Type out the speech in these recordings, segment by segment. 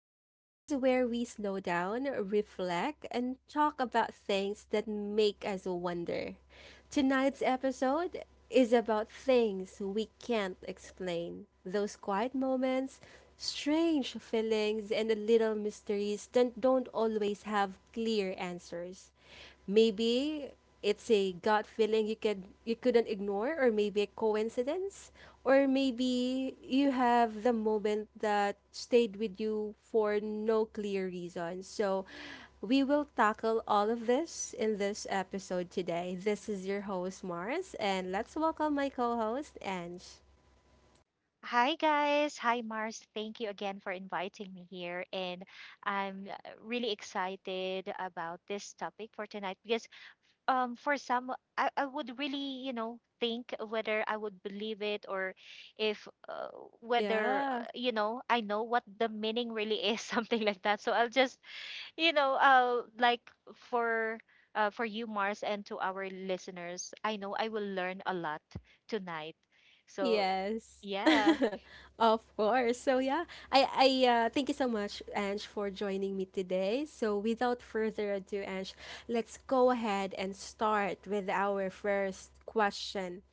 the space where we slow down, reflect, and talk about things that make us wonder. Tonight's episode is about things we can't explain, those quiet moments, strange feelings, and the little mysteries that don't always have clear answers. Maybe it's a gut feeling you couldn't ignore, or maybe a coincidence, or maybe you have the moment that stayed with you for no clear reason. So we will tackle all of this in this episode today. This is your host Mars, and let's welcome my co-host Ange. Hi guys, hi Mars. Thank you again for inviting me here, and I'm really excited about this topic for tonight because for some I would really, you know, think whether I would believe it, or if whether Yeah. You know, I know what the meaning really is something like that. So I'll just, you know, like for for you Mars and to our listeners, I know I will learn a lot tonight. So, Yes. yeah. Of course. So yeah, I thank you so much, Ange, for joining me today. So without further ado, Ange, let's go ahead and start with our first question.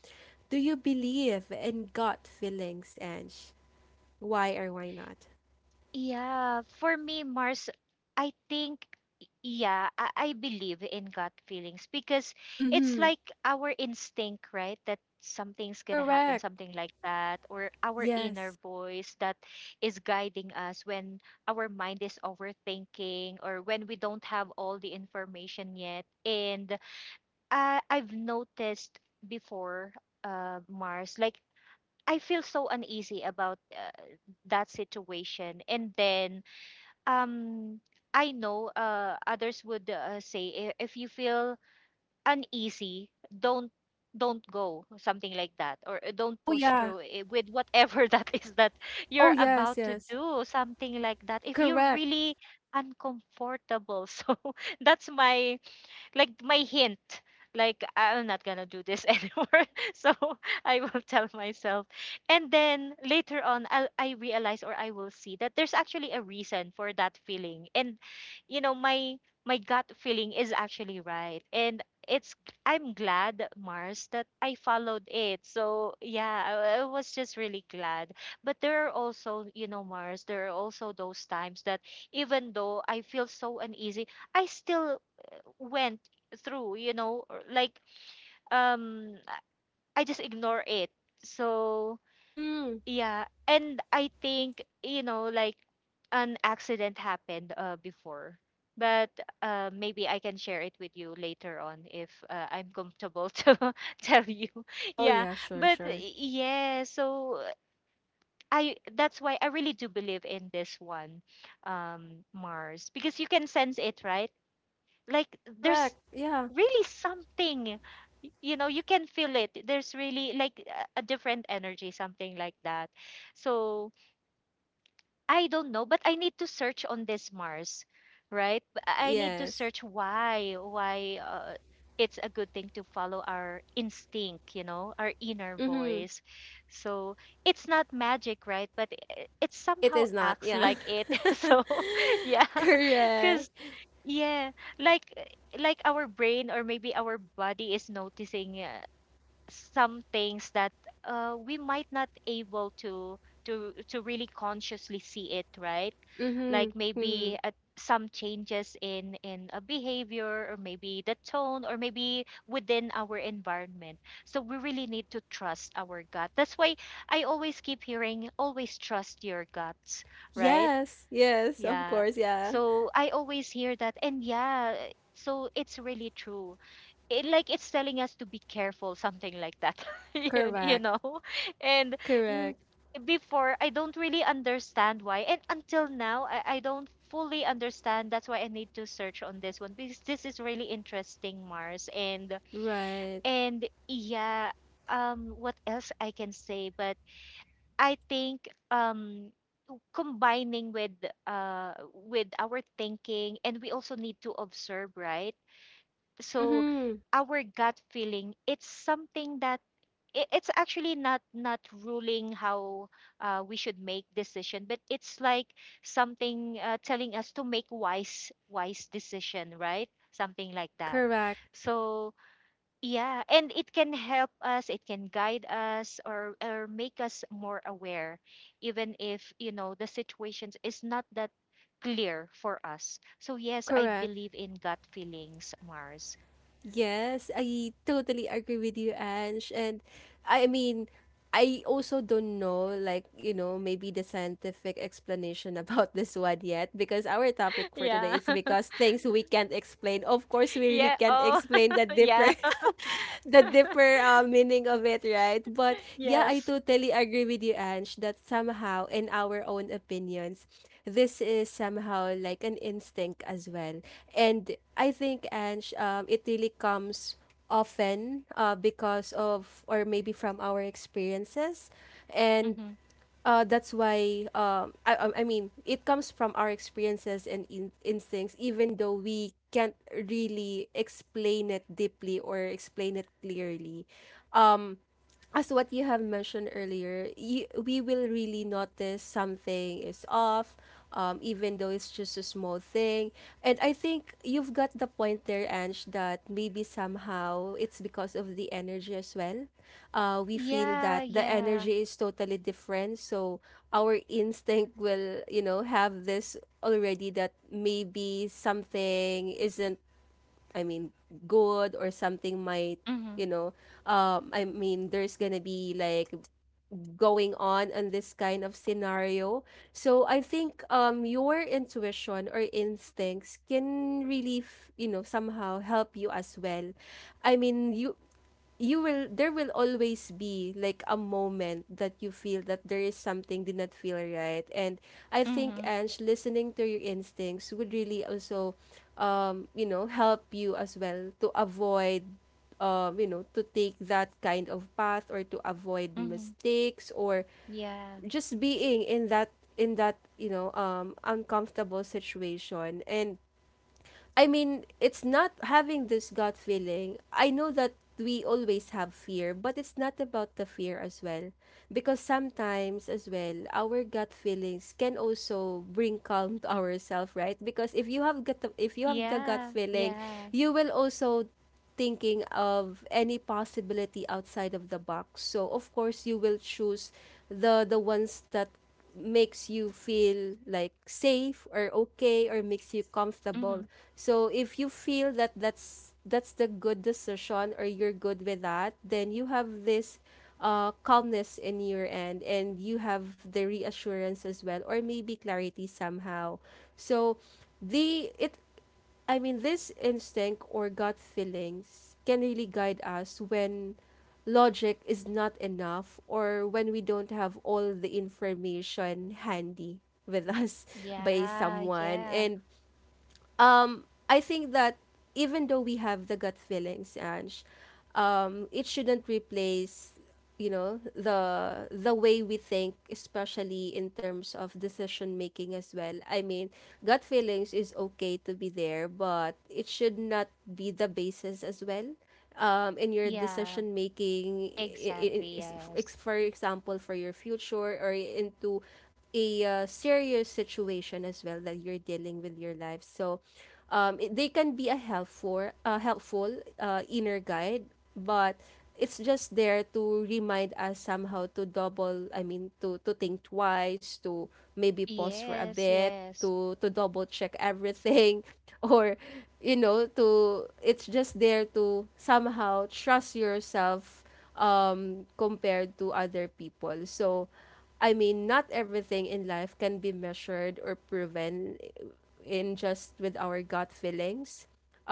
Do you believe in gut feelings, Ange? Why or why not? Yeah, for me, Mars, I think, yeah, I believe in gut feelings because it's Mm-hmm. like our instinct, right? That something's gonna happen, Correct. something like that, or our inner Yes. voice that is guiding us when our mind is overthinking or when we don't have all the information yet. And I've noticed before, Mars, like I feel so uneasy about that situation, and then um I know others would say, If you feel uneasy, don't go," something like that, or, don't Oh push yeah. through with whatever that is that Oh you're yes, about to yes. do," something like that, if you're Correct. really uncomfortable. So that's my, like, my hint, like, I'm not gonna do this anymore. So I will tell myself, and then later on I realize or I will see that there's actually a reason for that feeling, and, you know, my gut feeling is actually right, and it's, I'm glad, Mars, that I followed it. So yeah, I was just really glad. But there are also, you know, Mars, there are also those times that even though I feel so uneasy, I still went through, you know, or like I just ignore it. So Mm. yeah, and I think, you know, like an accident happened before, but maybe I can share it with you later on if I'm comfortable to tell you. Oh Yeah, yeah, sure, but sure. yeah, so I, that's why I really do believe in this one, Mars, because you can sense it, right? Like, there's Correct. Yeah. really something, you know, you can feel it. There's really like a different energy, something like that. So I don't know, but I need to search on this, Mars, right? I need to Yes. search why it's a good thing to follow our instinct, you know, our inner Mm-hmm. voice. So it's not magic, right? But it's It somehow is not, acts yeah. like it. So yeah, Correct. because yeah, like uh, like our brain, or maybe our body is noticing some things that we might not able to really consciously see it, right? Mm-hmm. Like, Mm-hmm. maybe some changes in a behavior, or maybe the tone, or maybe within our environment. So we really need to trust our gut. That's why I always keep hearing, always trust your guts, right? Yes, yes, of Yeah. course, yeah. So I always hear that. And yeah, so it's really true. It, like, it's telling us to be careful, something like that, you Correct. know? And mm, Correct. before, I don't really understand why. And until now, I don't fully understand. That's why I need to search on this one, because this is really interesting, Mars. Right. And yeah, what else I can say? But I think combining with our thinking, and we also need to observe, right? So Mm-hmm. our gut feeling, it's something that it's actually not ruling how we should make decision, but it's like something telling us to make wise decision, right? Something like that. Correct. So yeah, and it can help us, it can guide us, or make us more aware, even if, you know, the situations is not that clear for us. So yes, I Correct. believe in gut feelings, Mars. Yes, I totally agree with you, Ange. And I mean, I also don't know, like, maybe the scientific explanation about this one yet, because our topic for today Yeah. is because things we can't explain. Of course, we really Yeah. can't Oh, explain the yeah. deeper. The deeper, meaning of it, right? But yeah, I Yes. totally agree with you, Ange, that somehow, in our own opinions, this is somehow like an instinct as well. And I think, Ange, it really comes often, because of, or maybe from our experiences. And Mm-hmm. uh, that's why, I mean it comes from our experiences and instincts, even though we can't really explain it deeply or explain it clearly, um as what you have mentioned earlier. We will really notice something is off, even though it's just a small thing. And I think you've got the point there, Ange, that maybe somehow it's because of the energy as well. We feel Yeah, that the yeah. energy is totally different, so our instinct will, have this already that maybe something isn't, I mean, good, or something might, Mm-hmm. you know, I mean, there's gonna be like going on this kind of scenario. So I think your intuition or instincts can really, somehow help you as well. I mean, you will there will always be like a moment that you feel that there is something did not feel right. And I think, Mm-hmm. Ange, listening to your instincts would really also help you as well, to avoid, to take that kind of path, or to avoid Mm-hmm. mistakes, or Yeah. just being in that uncomfortable situation. And I mean, it's not having this gut feeling. I know that we always have fear, but it's not about the fear as well. Because sometimes, as well, our gut feelings can also bring calm to ourselves, right? Because if you have the gut Yeah. feeling, Yeah. you will also thinking of any possibility outside of the box. So of course you will choose the ones that makes you feel like safe, or okay, or makes you Mm-hmm. comfortable. So if you feel that that's the good decision, or you're good with that, then you have this calmness in your end, and you have the reassurance as well, or maybe clarity somehow. So the it I mean, this instinct or gut feelings can really guide us when logic is not enough, or when we don't have all the information handy with us, by Yeah. someone. Yeah. And I think that even though we have the gut feelings, Ange, it shouldn't replace, the way we think, especially in terms of decision making as well. I mean, gut feelings is okay to be there, but it should not be the basis as well, in your Yeah. decision making, Exactly. Yes. For example, for your future, or into a serious situation as well that you're dealing with your life. So, they can be a helpful, helpful inner guide, but it's just there to remind us somehow to double I mean to think twice, to maybe pause for a Yes, bit, yes. to double check everything, or you know to it's just there to somehow trust yourself, compared to other people. So I mean, not everything in life can be measured or proven in just with our gut feelings.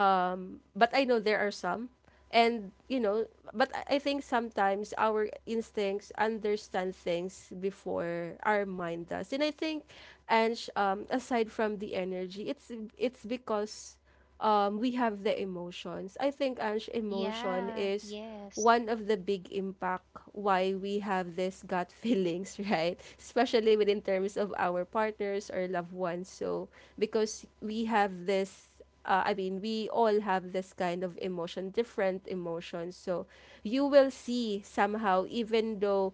But I know there are some. And, but I think sometimes our instincts understand things before our mind does. And I think, and aside from the energy, it's because we have the emotions. I think, Ange, emotion Yeah, is yes. one of the big impact why we have this gut feelings, right? Especially within terms of our partners or loved ones. So, because we have I mean, we all have this kind of emotion, different emotions. So, you will see somehow, even though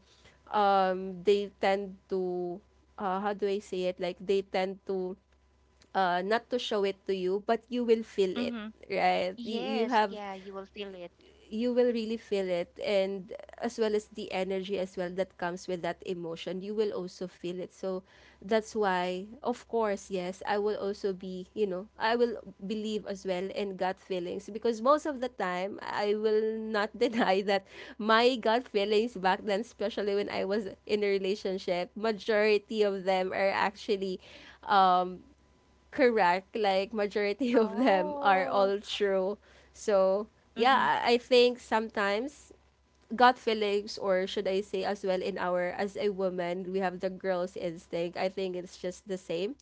they tend to, how do I say it? Like, they tend to not to show it to you, but you will feel it, Mm-hmm. right? You, you Yes, have, yeah, you will feel it. you will really feel it. And as well as the energy as well that comes with that emotion, you will also feel it. So that's why, of course, yes, I will also be, I will believe as well in gut feelings, because most of the time I will not deny that my gut feelings back then, especially when I was in a relationship, majority of them are actually um correct. Like majority of them are Oh. all true. So Mm-hmm. yeah, I think sometimes gut feelings, or should I say, as well in our, as a woman, we have the girl's instinct. I think it's just the same,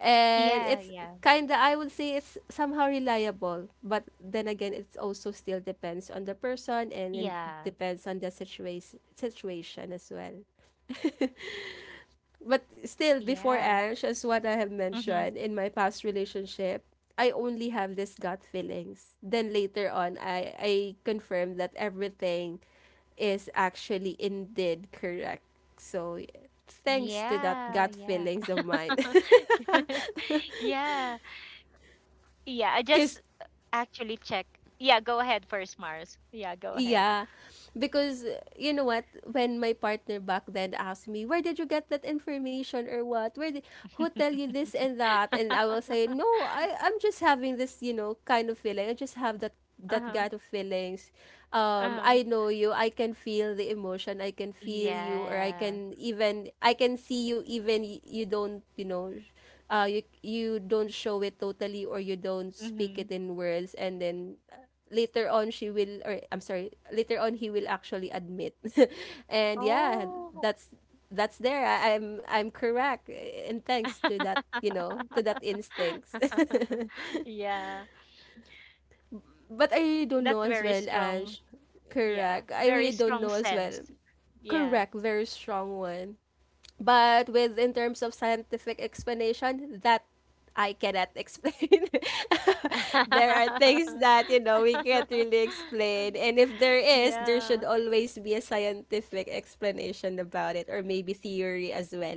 and Yeah, it's yeah. kind of, I would say, it's somehow reliable. But then again, it's also still depends on the person, and it Yeah. depends on the situation as well. But still, before Yeah. Ange, as what I have Mm-hmm. mentioned in my past relationship, I only have this gut feelings. Then later on, I confirm that everything is actually indeed correct. So thanks to that Yeah, gut yeah. feelings of mine, Yeah. Yeah, I because. just actually check. Yeah, go ahead first, Mars. Yeah, go ahead. Yeah. Because you know what, when my partner back then asked me, "Where did you get that information or what? Where did Who tell you this and that?" And I will say, "No, I'm just having this, kind of feeling. I just have that Uh-huh. gut of feelings. Uh-huh. I know you. I can feel the emotion. I can feel you, or I Yeah. can even I can see you, even you don't, you don't show it totally, or you don't speak Mm-hmm. it in words, and then later on she will, or I'm sorry, later on he will actually admit." And yeah, Oh. that's that's there. I'm correct. And thanks to that, to that instincts. Yeah. But I really don't know That's as very well, strong. Ange. Yeah, Correct. I really very don't strong know as well. sense. Yeah. Correct, very strong one. But with in terms of scientific explanation, that I cannot explain. There are things that we can't really explain, and if there is, there Yeah. should always be a scientific explanation about it, or maybe theory as well,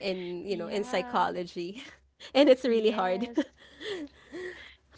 in you know in Yeah. psychology. And it's really hard. Yes.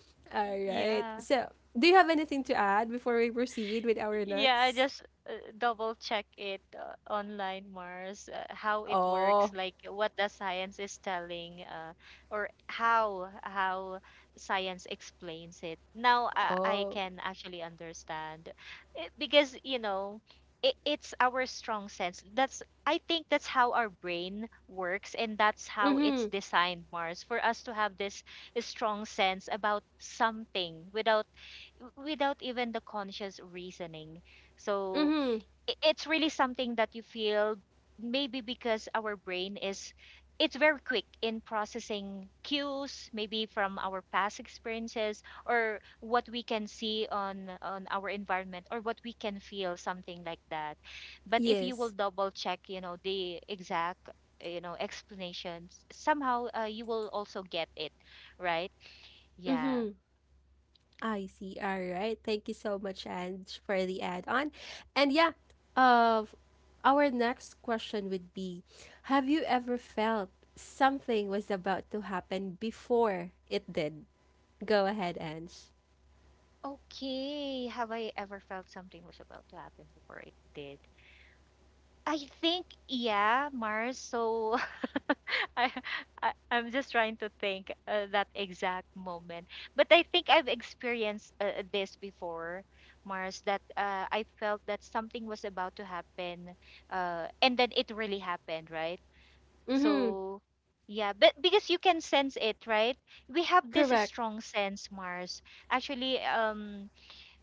All right, Yeah. so do you have anything to add before we proceed with our Yeah, I next? just double check it online, Mars, how it works, Oh. like what the science is telling, or how science explains it. Now I Oh. can actually understand. Because, you know, it's our strong sense. That's, I think that's how our brain works, and that's how it's Mm-hmm. designed, Mars, for us to have this strong sense about something without even the conscious reasoning. So Mm-hmm. It's really something that you feel, maybe because our brain is, it's very quick in processing cues, maybe from our past experiences, or what we can see on our environment, or what we can feel, something like that. But if you will Yes. double check, you know, the exact, you know, explanations, somehow you will also get it, right? Yeah. I see. All right. Thank you so much, Ange, for the add-on. And yeah, uh, our next question would be, have you ever felt something was about to happen before it did? Go ahead, Ange. Okay. Have I ever felt something was about to happen before it did? I think, yeah, Mars. So I, I'm just trying to think that exact moment. But I think I've experienced this before, Mars, that I felt that something was about to happen. And then it really happened, right? Mm-hmm. So, yeah, but because you can sense it, right? We have this Correct. strong sense, Mars. Actually,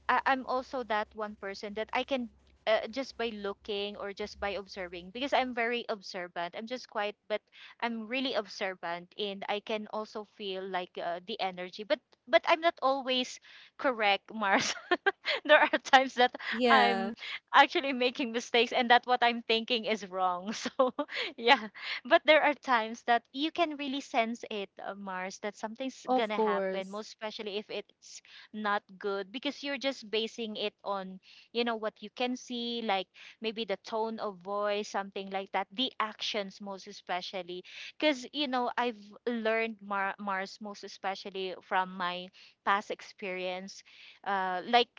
I'm also that one person that I can just by looking, or just by observing, because I'm very observant. I'm just quiet, but I'm really observant, and I can also feel like the energy. But I'm not always correct, Mars. There are times that I'm Yeah. actually making mistakes, and that what I'm thinking is wrong. So, yeah. But there are times that you can really sense it, Mars, that something's going Of to happen, course. most especially if it's not good, because you're just basing it on, you know, what you can see, like maybe the tone of voice, something like that, the actions, most especially. Because, you know, I've learned Mars, most especially from my past experience, like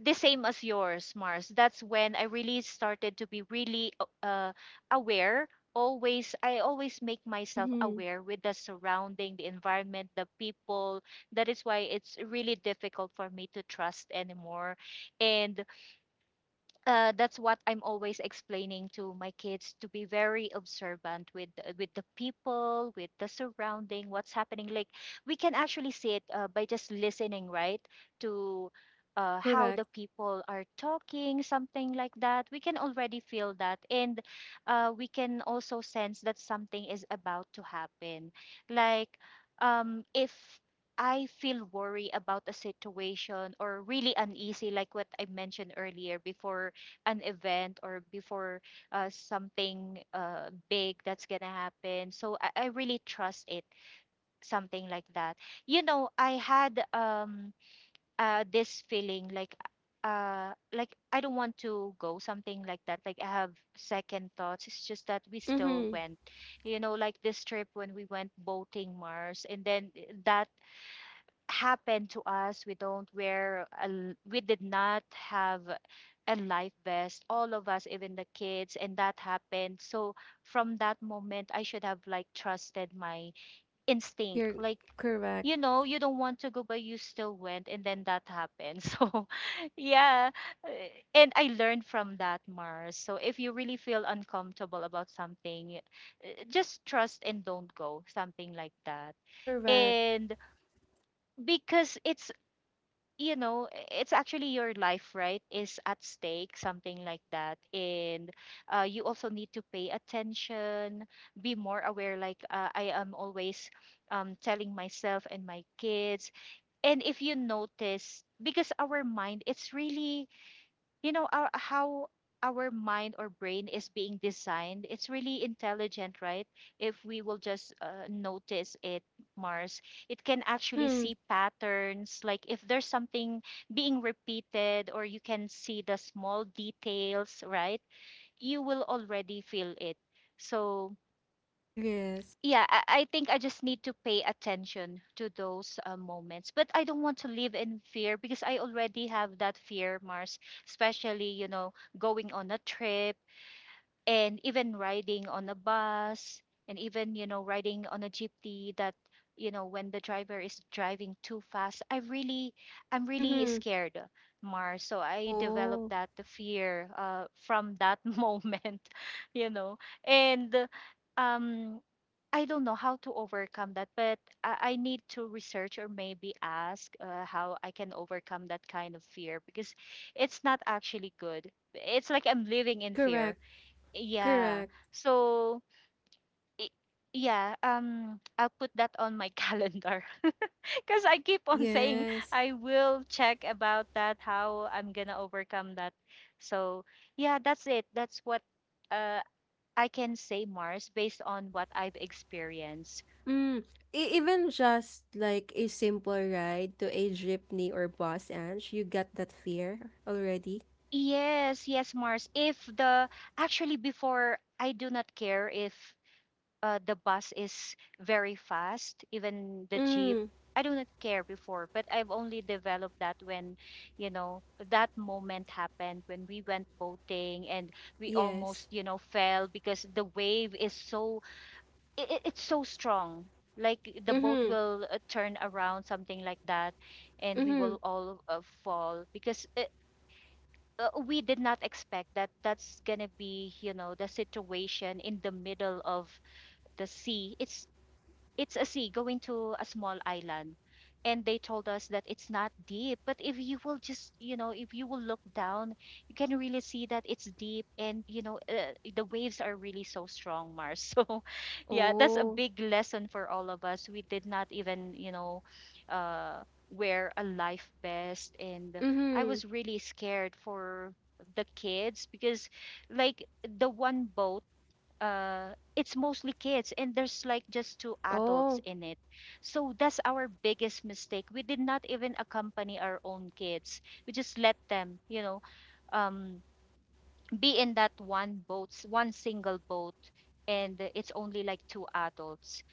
the same as yours, Mars. That's when I really started to be really aware. Always, I always make myself Mm-hmm. aware with the surrounding, the environment, the people. That is why it's really difficult for me to trust anymore. And that's what I'm always explaining to my kids, to be very observant with with the people, with the surrounding, what's happening. Like, we can actually see it by just listening, right? To how the Correct. people are talking, something like that. We can already feel that, and we can also sense that something is about to happen. Like if I feel worry about a situation, or really uneasy, like what I mentioned earlier, before an event, or before something big that's gonna happen. So I really trust it, something like that. You know, I had this feeling like I don't want to go, something like that. Like I have second thoughts. It's just that we still Mm-hmm. went. You know, like this trip when we went boating, Mars, and then that happened to us. We don't wear a, we did not have and life vest. All of us, even the kids, and that happened. So from that moment I should have like trusted my instinct You're like correct. you know You don't want to go but you still went, and then that happened so yeah. uh, and I learned from that, Mars. So if you really feel uncomfortable about something, just trust and don't go, something like that. Correct. And because it's actually your life, right, is at stake, something like that. And you also need to pay attention, be more aware. Like I am always telling myself and my kids. And if you notice, because our mind it's really you know our how our mind or brain is being designed, it's really intelligent, right? If we will just notice it, Mars, it can actually Mm-hmm. see patterns. Like if there's something being repeated or you can see the small details, right, you will already feel it. So Yes. yeah, I think I just need to pay attention to those moments, but I don't want to live in fear because I already have that fear, Mars. Especially you know, going on a trip, and even riding on a bus, and even you know, riding on a jeepney that, you know, when the driver is driving too fast, I really I'm really Mm-hmm. scared, mar. So I developed Oh, that the fear from that moment, you know. And um I don't know how to overcome that, but I need to research or maybe ask how I can overcome that kind of fear, because it's not actually good. It's like I'm living in fear. correct. Yeah. Correct. So, i- yeah, I'll put that on my calendar because I keep on saying Yes. I will check about that, how I'm gonna overcome that. So, yeah, that's it. That's what uh, I can say, Mars, based on what I've experienced. Mm, e even just like a simple ride to a jeepney or bus, Ange, you got that fear already? Yes, yes, Mars. If the actually before I do not care if the bus is very fast, even the jeep. Mm, I do not care before, but I've only developed that when, you know, that moment happened when we went boating and we yes. almost, you know, fell because the wave is so it's so strong. Like the boat Mm-hmm. will turn around, something like that, and we Mm-hmm. will all fall because we did not expect that that's gonna be, you know, the situation in the middle of the sea. It's a sea going to a small island, and they told us that it's not deep, but if you will just, you know, if you will look down, you can really see that it's deep. And you know, the waves are really so strong, Mars, so yeah. That's a Oh. big lesson for all of us. We did not even, you know, uh, wear a life vest. And I Mm-hmm. was really scared for the kids because, like, the one boat, it's mostly kids and there's like just two adults Oh. in it. So that's our biggest mistake. We did not even accompany our own kids. We just let them, you know, um be in that one one single boat, and it's only like two adults.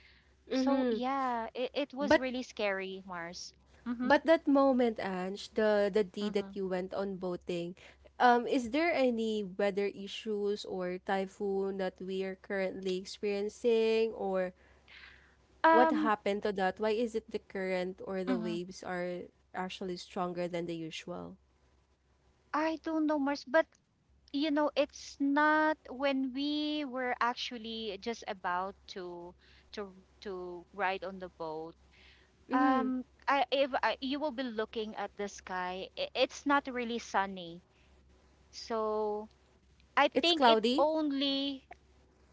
So Mm-hmm. yeah, it was But really scary, Mars. Mhm. but that moment, Ange, the day that Mhm. you went on boating, is there any weather issues or typhoon that we are currently experiencing, or what um happened to that? Why is it the current or the mhm. waves are actually stronger than the usual? I don't know, Mars, but you know, it's not when we were actually just about to to to ride on the boat. Mm-hmm. I, if I, You will be looking at the sky, it's not really sunny. So I It's think it cloudy. only.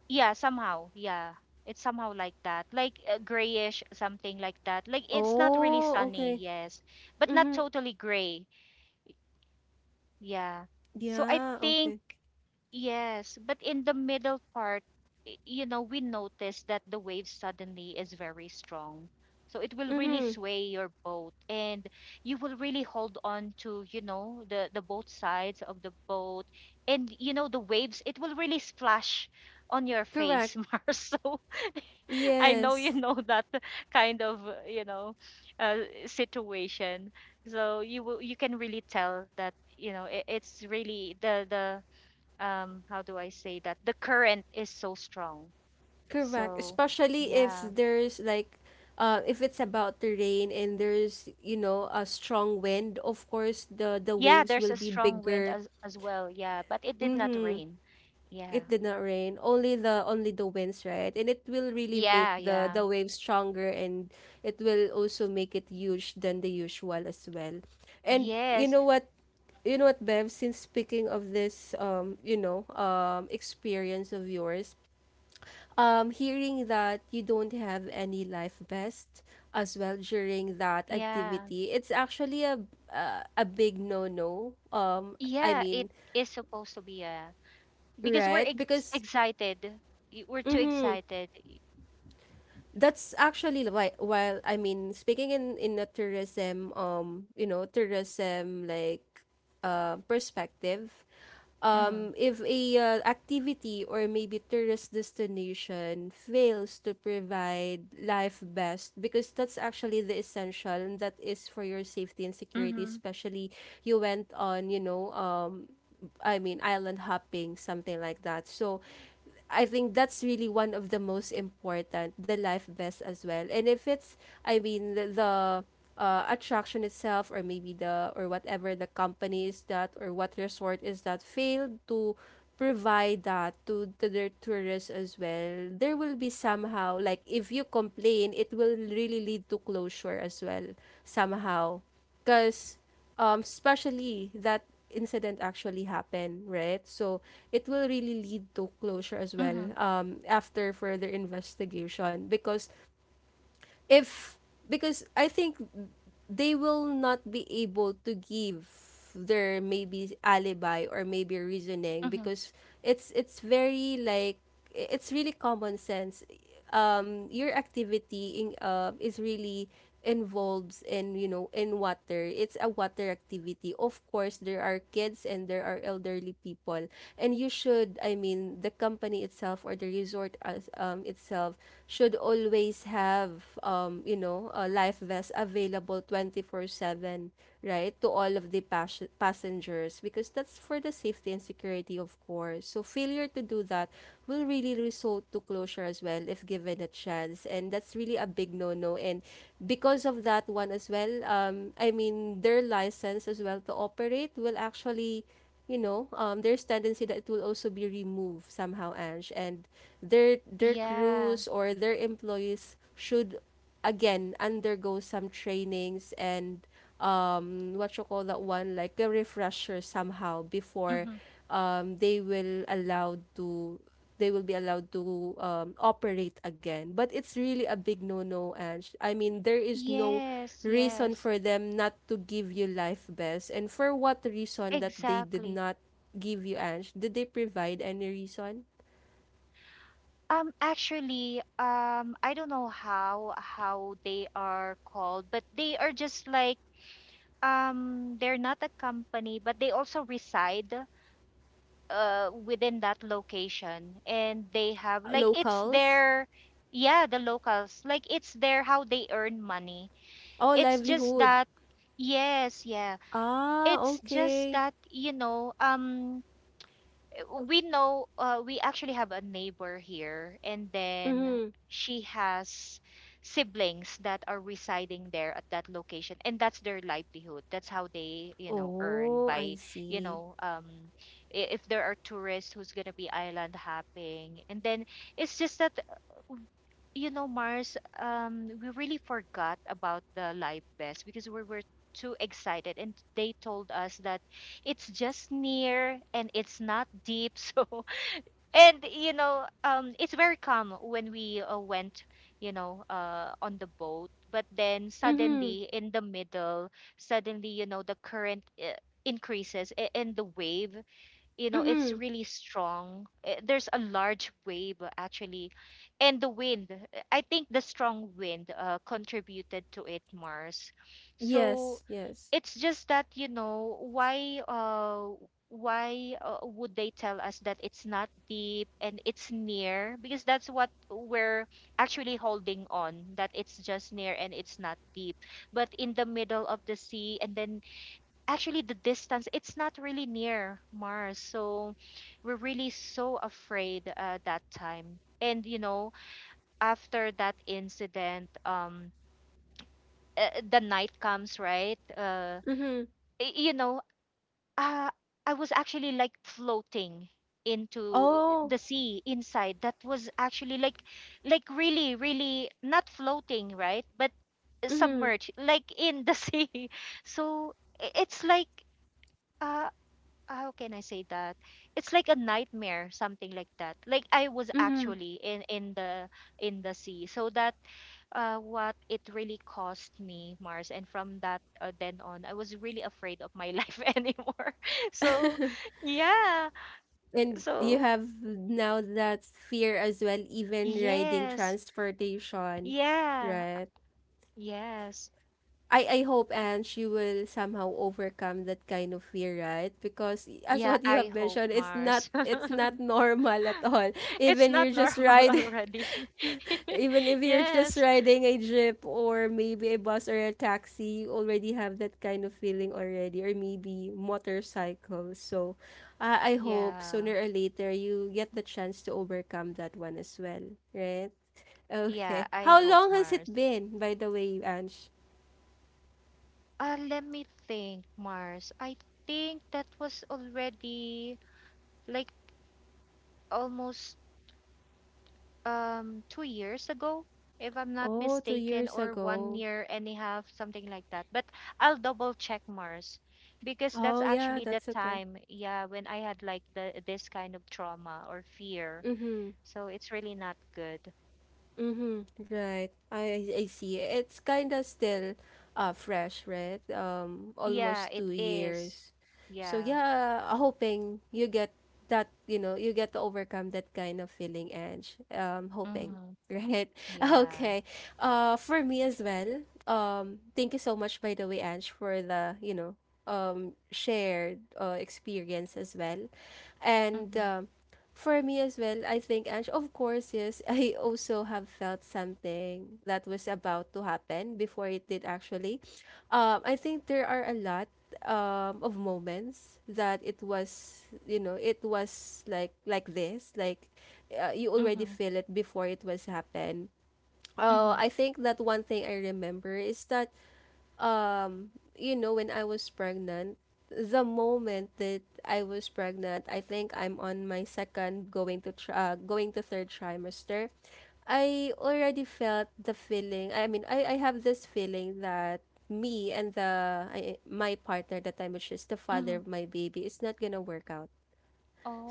Yeah, somehow. Yeah, it's somehow like that, like grayish, something like that. Like it's not really Oh, sunny, okay. yes. But not Mm-hmm. totally gray. Yeah. So I Yeah, think. okay. Yes, but in the middle part, you know, we notice that the wave suddenly is very strong. So it will really Mm-hmm. sway your boat. And you will really hold on to, you know, the both sides of the boat. And you know, the waves, it will really splash on your face, Correct. Mars. So I know Yes. you know that kind of, you know, uh, situation. So you will, you can really tell that, you know, it's really the how do I say that, the current is so strong. Correct. So Especially if yeah. there's like if it's about to rain and there's, a strong wind, of course the Yeah, waves there's will a be strong wind bigger. As well. Yeah, but it did not Mm-hmm. rain. Yeah. It did not rain. Only the winds, right? And it will really make Yeah, the yeah. the waves stronger, and it will also make it huge than the usual as well. And you Yes. know what? You know what, Bev? Since speaking of this experience of yours, um, hearing that you don't have any life vest as well during that Yeah. activity, it's actually a big no-no. I Yeah, mean, it is supposed to be a, because we're right? Because excited. We're too excited. that's actually why, while I mean, speaking in a tourism, um, tourism, like, uh, perspective, Mhm. um, if a activity or maybe tourist destination fails to provide life best, because that's actually the essential, and that is for your safety and security, Mhm. especially you went on, I mean, island hopping, something like that. So I think that's really one of the most important, the life best as well. And if it's, I mean, the attraction itself, or maybe the, or whatever the company is that, or what resort is that, failed to provide that to their tourists as well, there will be somehow, like, if you complain, it will really lead to closure as well, somehow. Because, especially that incident actually happened, right? So it will really lead to closure as Mhm. well, after further investigation. Because if because I think they will not be able to give their maybe alibi or maybe reasoning, Mhm. because it's very, like, it's really common sense. Your activity in, is really involves in, you know, in water, it's a water activity. Of course there are kids and there are elderly people, and you should, I mean, the company itself or the resort as itself should always have, you know, a life vest available 24/7, right, to all of the passengers, because that's for the safety and security, of course. So failure to do that will really result to closure as well, if given a chance, and that's really a big no-no. And because of that one as well, I mean their license as well to operate will actually, you know, there's tendency that it will also be removed somehow, Ange, and their Yeah. crews or their employees should again undergo some trainings and, what you call that one, like a refresher somehow, before, Mhm. um, they will allowed to they will be allowed to, operate again. But it's really a big no no, and I mean there is no Yes, reason yes. for them not to give you life bells. And for what reason that they did Exactly. not give you, Ange? Did they provide any reason? Actually, I don't know how they are called, but they are just like they're not a company, but they also reside within that location, and they have like it's Locals? their. Yeah, the locals, like it's their how they earn money. Oh, It's just livelihood. that, yes, yeah, Ah, it's just okay. that, you know, we know, we actually have a neighbor here. And then Mm-hmm. she has siblings that are residing there at that location, and that's their livelihood. That's how they, you know, earn Oh, I by, you see. know, if there are tourists who's going to be island hopping. And then it's just that you know, Mars, we really forgot about the life vest because we were too excited, and they told us that it's just near and it's not deep, so. And you know, it's very calm when we went, you know, on the boat. But then Mm-hmm. suddenly in the middle, suddenly, you know, the current increases, and the wave, you know, it's Mm-hmm. really strong. Eh, there's a large wave, actually. And the wind, eh, I think the strong wind contributed to it, Mars. So Yes, yes. it's just that, you know, why would they tell us that it's not deep and it's near, because that's what we're actually holding on, that it's just near and it's not deep. But in the middle of the sea, and then actually the distance, it's not really near, Mars. So we're really so afraid that time. And you know, after that incident, the night comes, right? Mm-hmm. You know, uh, I was actually like floating into Oh. the sea inside. That was actually like really really not floating, right, but Mm-hmm. submerged like in the sea. So it's like, uh, how can I say that? It's like a nightmare, something like that. Like I was Mm-hmm. actually in the, in the sea. So that what it really cost me, Mars. And from that, then on, I was really afraid of my life anymore. So yeah. And you So have now that fear as well, even riding yes, transportation, yeah, right? yes, I hope and she will somehow overcome that kind of fear, right? Because as yeah. what you I have hope, mentioned, it's Mars. Not normal at all. It's Even not you're just normal riding already. Even if you're just Yes. riding a jeep or maybe a bus or a taxi, you already have that kind of feeling already, or maybe motorcycle. So, I hope Yeah. sooner or later you get the chance to overcome that one as well, right? Yeah, Okay. I How hope, long has it Mars. been, by the way, Ange? Let me think, Mars. I think that was already like almost 2 years ago, if I'm not Oh, two mistaken, years or one ago. year and a half, something like that. But I'll double check, Mars, because that's Oh, yeah, actually the that's okay. time, yeah, when I had like the this kind of trauma or fear. Mm-hmm. So it's really not good. Mm-hmm. Right. I see. It's kind of still, uh, fresh, right? Yeah, Almost it two is. years. So Yeah. yeah, hoping you get that, you know, you get to overcome that kind of feeling, Ange. Hoping, Mm-hmm. right? Yeah. Okay. For me as well. Thank you so much, by the way, Ange, for the, you know, um, shared, experience as well, and Mm-hmm. um. For me as well, I think, Ange, of course, yes, I also have felt something that was about to happen before it did actually. I think there are a lot, of moments that it was, you know, it was like this, like, you already Mm-hmm. feel it before it was happen. Mm-hmm. I think that one thing I remember is that, um, you know, when I was pregnant, the moment that I was pregnant, I think I'm on my second going to going to third trimester. I already felt the feeling, I mean, I have this feeling that me and the I, my partner at that time, which is the Mm-hmm. father of my baby, is not gonna work out.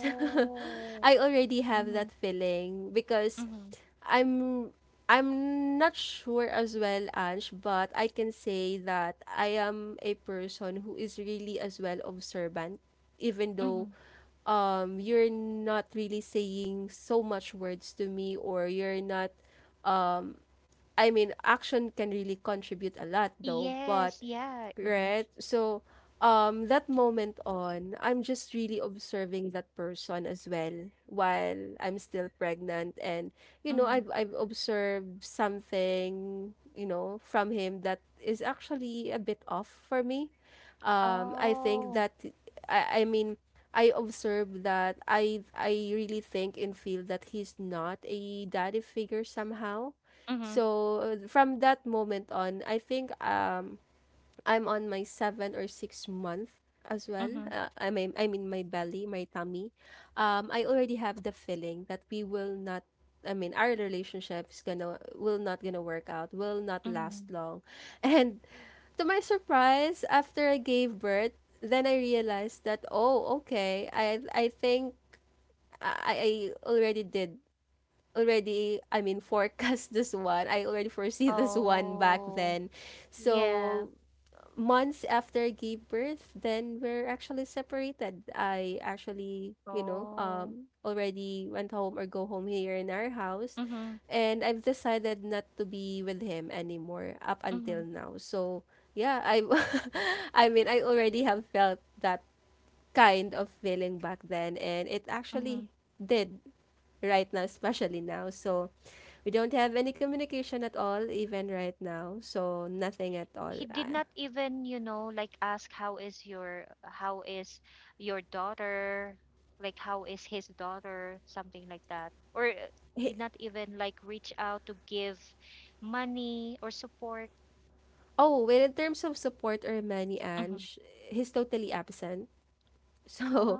I already have Mhm, that feeling, because mhm, I'm I'm not sure as well, Ange, but I can say that I am a person who is really as well observant, even though, mhm. um, you're not really saying so much words to me, or you're not, I mean, action can really contribute a lot, though. But, Yes, yeah. Mhm, right? So, that moment on, I'm just really observing that person as well while I'm still pregnant, and you know, mhm. I've observed something, you know, from him that is actually a bit off for me. I think Oh. that I mean, I observe that I really think and feel that he's not a daddy figure somehow. Mhm, So from that moment on, I think, um, I'm on my seven or six-month as well. mhm, I mean my belly, my tummy. I already have the feeling that we will not, I mean, our relationship is gonna will not gonna work out. Will not last mhm. long. And to my surprise, after I gave birth, then I realized that, oh, okay. I think I already did already I mean, forecast this one. I already foresee this one back Oh, then. yeah. So months after I gave birth, then we're actually separated. I actually, you know, Oh. um, already went home or go home here in our house. Mhm, And I've decided not to be with him anymore up mhm, until now. So yeah, I I mean, I already have felt that kind of feeling back then, and it mhm. actually did right now, especially now. So we don't have any communication at all, even right now. So, nothing at all. He did Ah. not even, you know, like ask how is your, how is your daughter, like how is his daughter, something like that. Or He- did not even like reach out to give money or support. oh, well, in terms of support or Manny, Mhm. Ange, he's totally absent. So,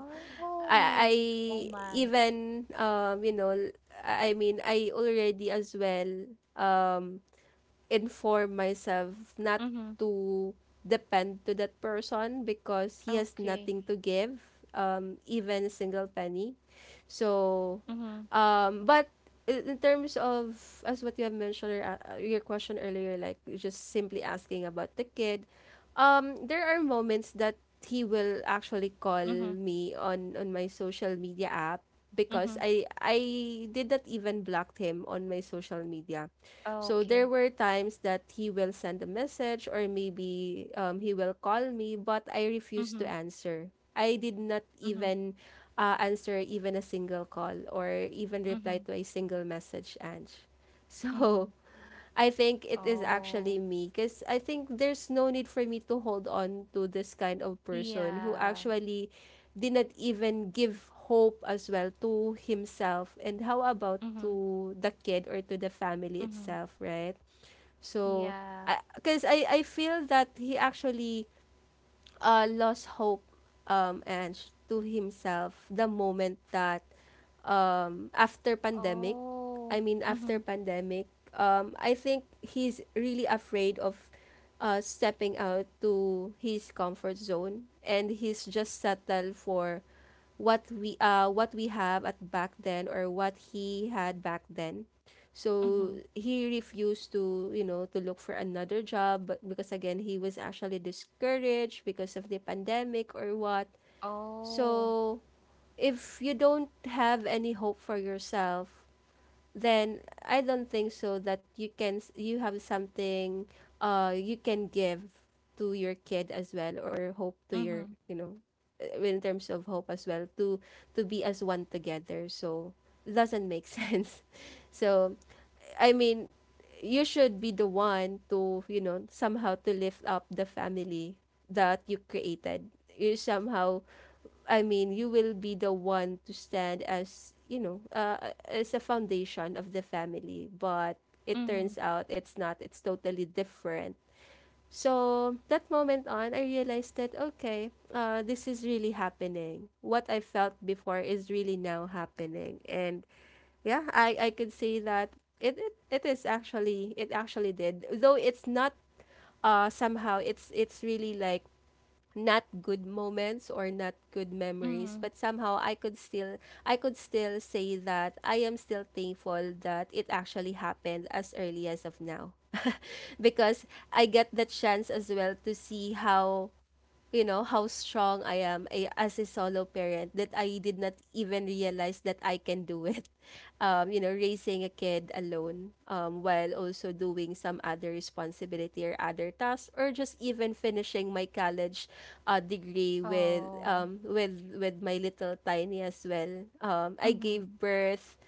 I my, oh my. even, you know, I mean, I already as well, um, inform myself not Mhm. to depend to that person, because he has Okay. nothing to give, even a single penny. So, Mhm. But in terms of, as what you have mentioned, or, your question earlier, like just simply asking about the kid, there are moments that he will actually call Mhm. me on my social media app, because Mhm. I did not even block him on my social media. So there Okay. were times that he will send a message, or maybe, he will call me, but I refused to Mhm. answer. I did not Mhm. even, answer even a single call, or even reply Mhm. to a single message, Ange. Mhm. So I think it is Oh. actually me, because I think there's no need for me to hold on to this kind of person who Yeah. actually did not even give hope as well to himself, and how about Mhm. to the kid or to the family Mhm. itself, right? So, Yeah. because I feel that he actually, lost hope, and to himself the moment that, after pandemic. Oh. I mean, after Mhm. pandemic, I think he's really afraid of, stepping out to his comfort zone, and he's just settled for what we have at back then, or what he had back then. So Mhm. he refused to, you know, to look for another job, but because again he was actually discouraged because of the pandemic or what. Oh. So if you don't have any hope for yourself, then I don't think so that you have something, uh, you can give to your kid as well, or hope to your, Mhm. you know, in terms of hope as well to be as one together. So it doesn't make sense. So, I mean, you should be the one to, you know, somehow to lift up the family that you created. You somehow, I mean, you will be the one to stand as, you know, as a foundation of the family. But it Mhm. turns out it's not, it's totally different. So that moment on, I realized that, okay, this is really happening. What I felt before is really now happening. And yeah, I could say that it is actually, it actually did. Though it's not, somehow it's really like not good moments or not good memories, Mhm. but somehow I could still say that I am still thankful that it actually happened as early as of now. Because I get the chance as well to see how, you know, how strong I am, as a solo parent, that I did not even realize that I can do it. Raising a kid alone, while also doing some other responsibility or other tasks, or just even finishing my college degree with Oh. um with with my little tiny as well. I Mhm. gave birth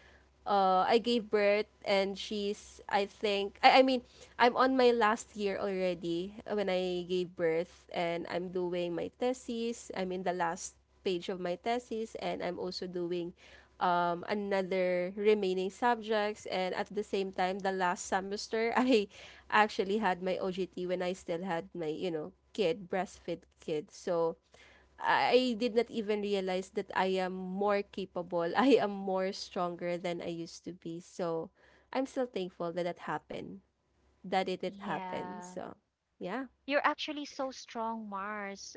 uh, I gave birth and she's, I think, I'm on my last year already when I gave birth, and I'm doing my thesis. I'm in the last page of my thesis, and I'm also doing another remaining subjects, and at the same time the last semester I actually had my OGT when I still had my you know kid breastfed kid, so I did not even realize that I am more capable. I am more stronger than I used to be. So I'm still thankful that that happened, that it did happen. Yeah. So yeah. You're actually so strong, Mars.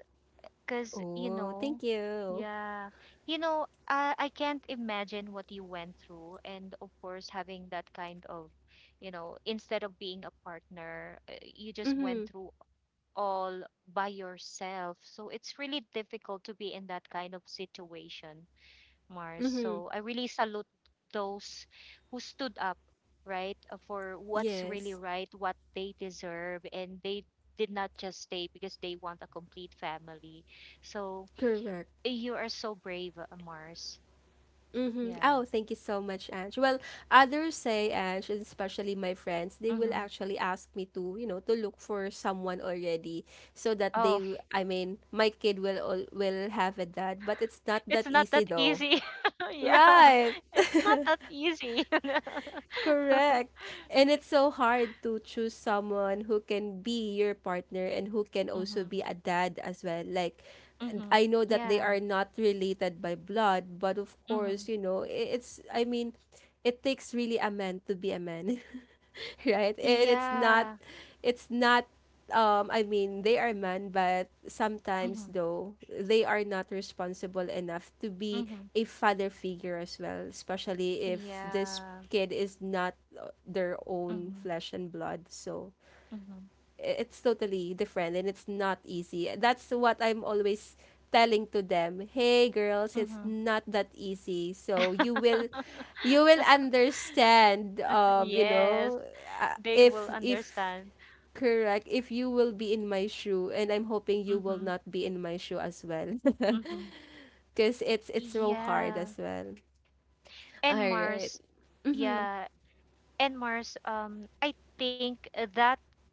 Because, you Oh, know, thank you. yeah, you know, I can't imagine what you went through. And of course, having that kind of, you know, instead of being a partner, you just went Mm-hmm. through all by yourself. So it's really difficult to be in that kind of situation, Mars. Mm-hmm. So I really salute those who stood up, right, for what's really Yes. right, what they deserve, and they did not just stay because they want a complete family. So Correct. you are so brave, Mars. Mm-hmm. Yeah. Oh, thank you so much, Ange. Well, others say, Ange, and especially my friends, they will Hmm. actually ask me to look for someone already, so that they, Oh, I mean, my kid will have a dad. But it's not that it's not easy, that though. easy. Yeah, Right. it's not that easy. Correct. And it's so hard to choose someone who can be your partner and who can also Mm-hmm. be a dad as well. Like, and Mm-hmm. I know that they Yeah. are not related by blood, but of Mm-hmm. course, you know, it's, I mean, it takes really a man to be a man. Right? And it's not, Yeah. it's not. I mean, they are men, but sometimes Mm-hmm. though they are not responsible enough to be Mm-hmm. a father figure as well, especially if this Yeah. kid is not their own Mm-hmm. flesh and blood. So, Mm-hmm. it's totally different, and it's not easy. That's what I'm always telling to them. Hey girls, it's Mm-hmm. not that easy. So you will understand, Yes, they will if understand. correct, if you will be in my shoe, and I'm hoping you will Mm-hmm. not be in my shoe as well. Mm-hmm. Cuz it's so hard Yeah. as well. All And right. Mars, Mhm. yeah, and Mars, I think that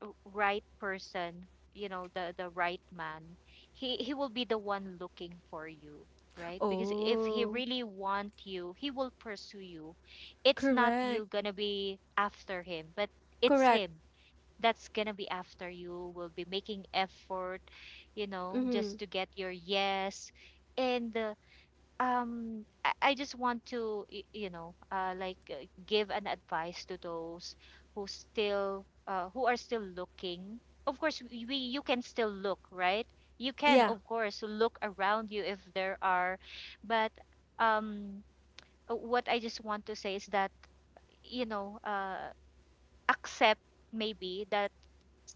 right person, you know, the right man, he will be the one looking for you, right? Because if he Oh, really want you, he will pursue you. It's not you correct. gonna be after him, but it's Correct. him that's gonna be after you. Will be making effort, you know, just Mhm. to get your yes. And I just want to you know, like give an advice to those who still who are still looking. Of course you can still look, right? You can Yeah. of course look around you if there are. But um what I just want to say is that, you know, accept maybe that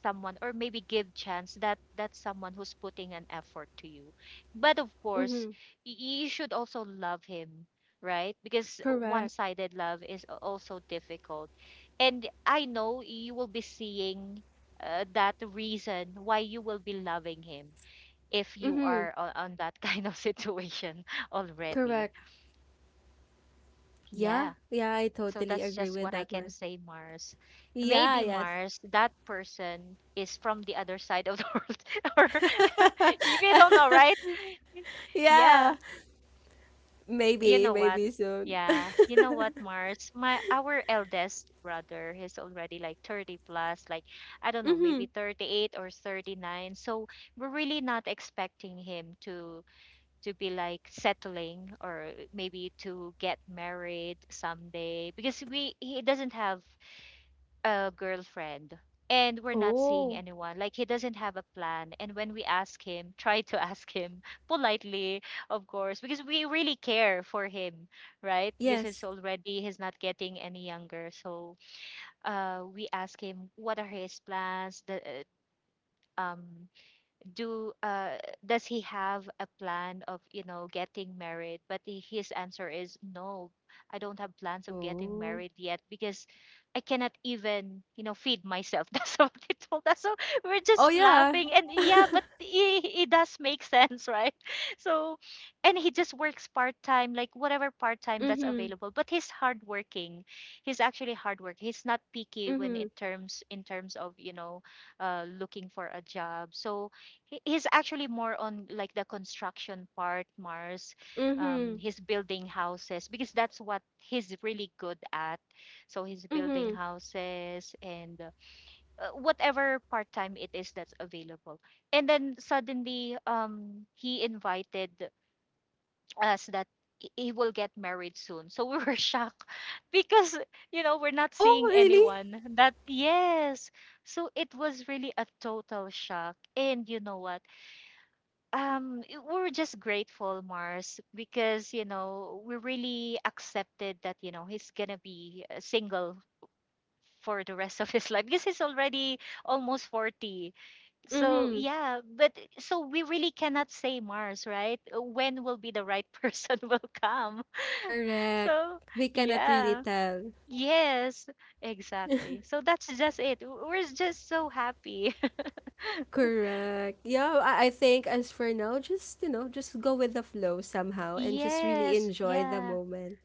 someone, or maybe give chance that that someone who's putting an effort to you. But of course Mhm. You should also love him, right? Because Correct. one-sided love is also difficult. And I know you will be seeing that reason why you will be loving him if you Mm-hmm. are on that kind of situation already. Correct. Yeah. Yeah. Yeah, I So totally that's agree just with what I that can one. say, Mars. Yeah, Maybe, yes. Mars, that person is from the other side of the world, or you don't know, right? Yeah. Yeah, you Maybe, know what? maybe soon. Yeah, you know what, Mars? My our eldest brother, he's already like 30 plus, like I don't know, Mm-hmm. maybe 38 or 39. So we're really not expecting him to be like settling or maybe to get married someday because we he doesn't have a girlfriend, and we're not seeing Oh, anyone. Like he doesn't have a plan, and when we ask him try to ask him politely, of course, because we really care for him, right? Because he's yes. already, he's not getting any younger. So we ask him what are his plans, the um do does he have a plan of getting married? But his answer is no. I don't have plans of getting Oh. married yet because I cannot even, feed myself. That's what he told us. So we're Oh, just yeah. laughing, and yeah, but it does make sense, right? So and he just works part-time, like whatever part-time that's Mm-hmm. available, but he's hardworking. He's actually hardworking. He's not picky when it Mm-hmm. terms in terms of, looking for a job. So he's actually more on like the construction part, Mars. Mm-hmm. He's building houses because that's what he's really good at. So he's building Mm-hmm. houses and whatever part time it is that's available. And then suddenly he invited us that he will get married soon, so we were shocked because, you know, we're not Oh, seeing really? anyone, that yes. So it was really a total shock. And you know what? We're just grateful, Mars, because, you know, we really accepted that, you know, he's gonna be single for the rest of his life because he's already almost 40. So Mm-hmm. yeah, but so we really cannot say, Mars, right? When will be the right person will come. Correct. So We cannot really yeah. tell. Yes, exactly. So that's just it. We're just so happy. Correct. Yeah, I think as for now, just go with the flow somehow, and just really Yes, enjoy the yeah. moment.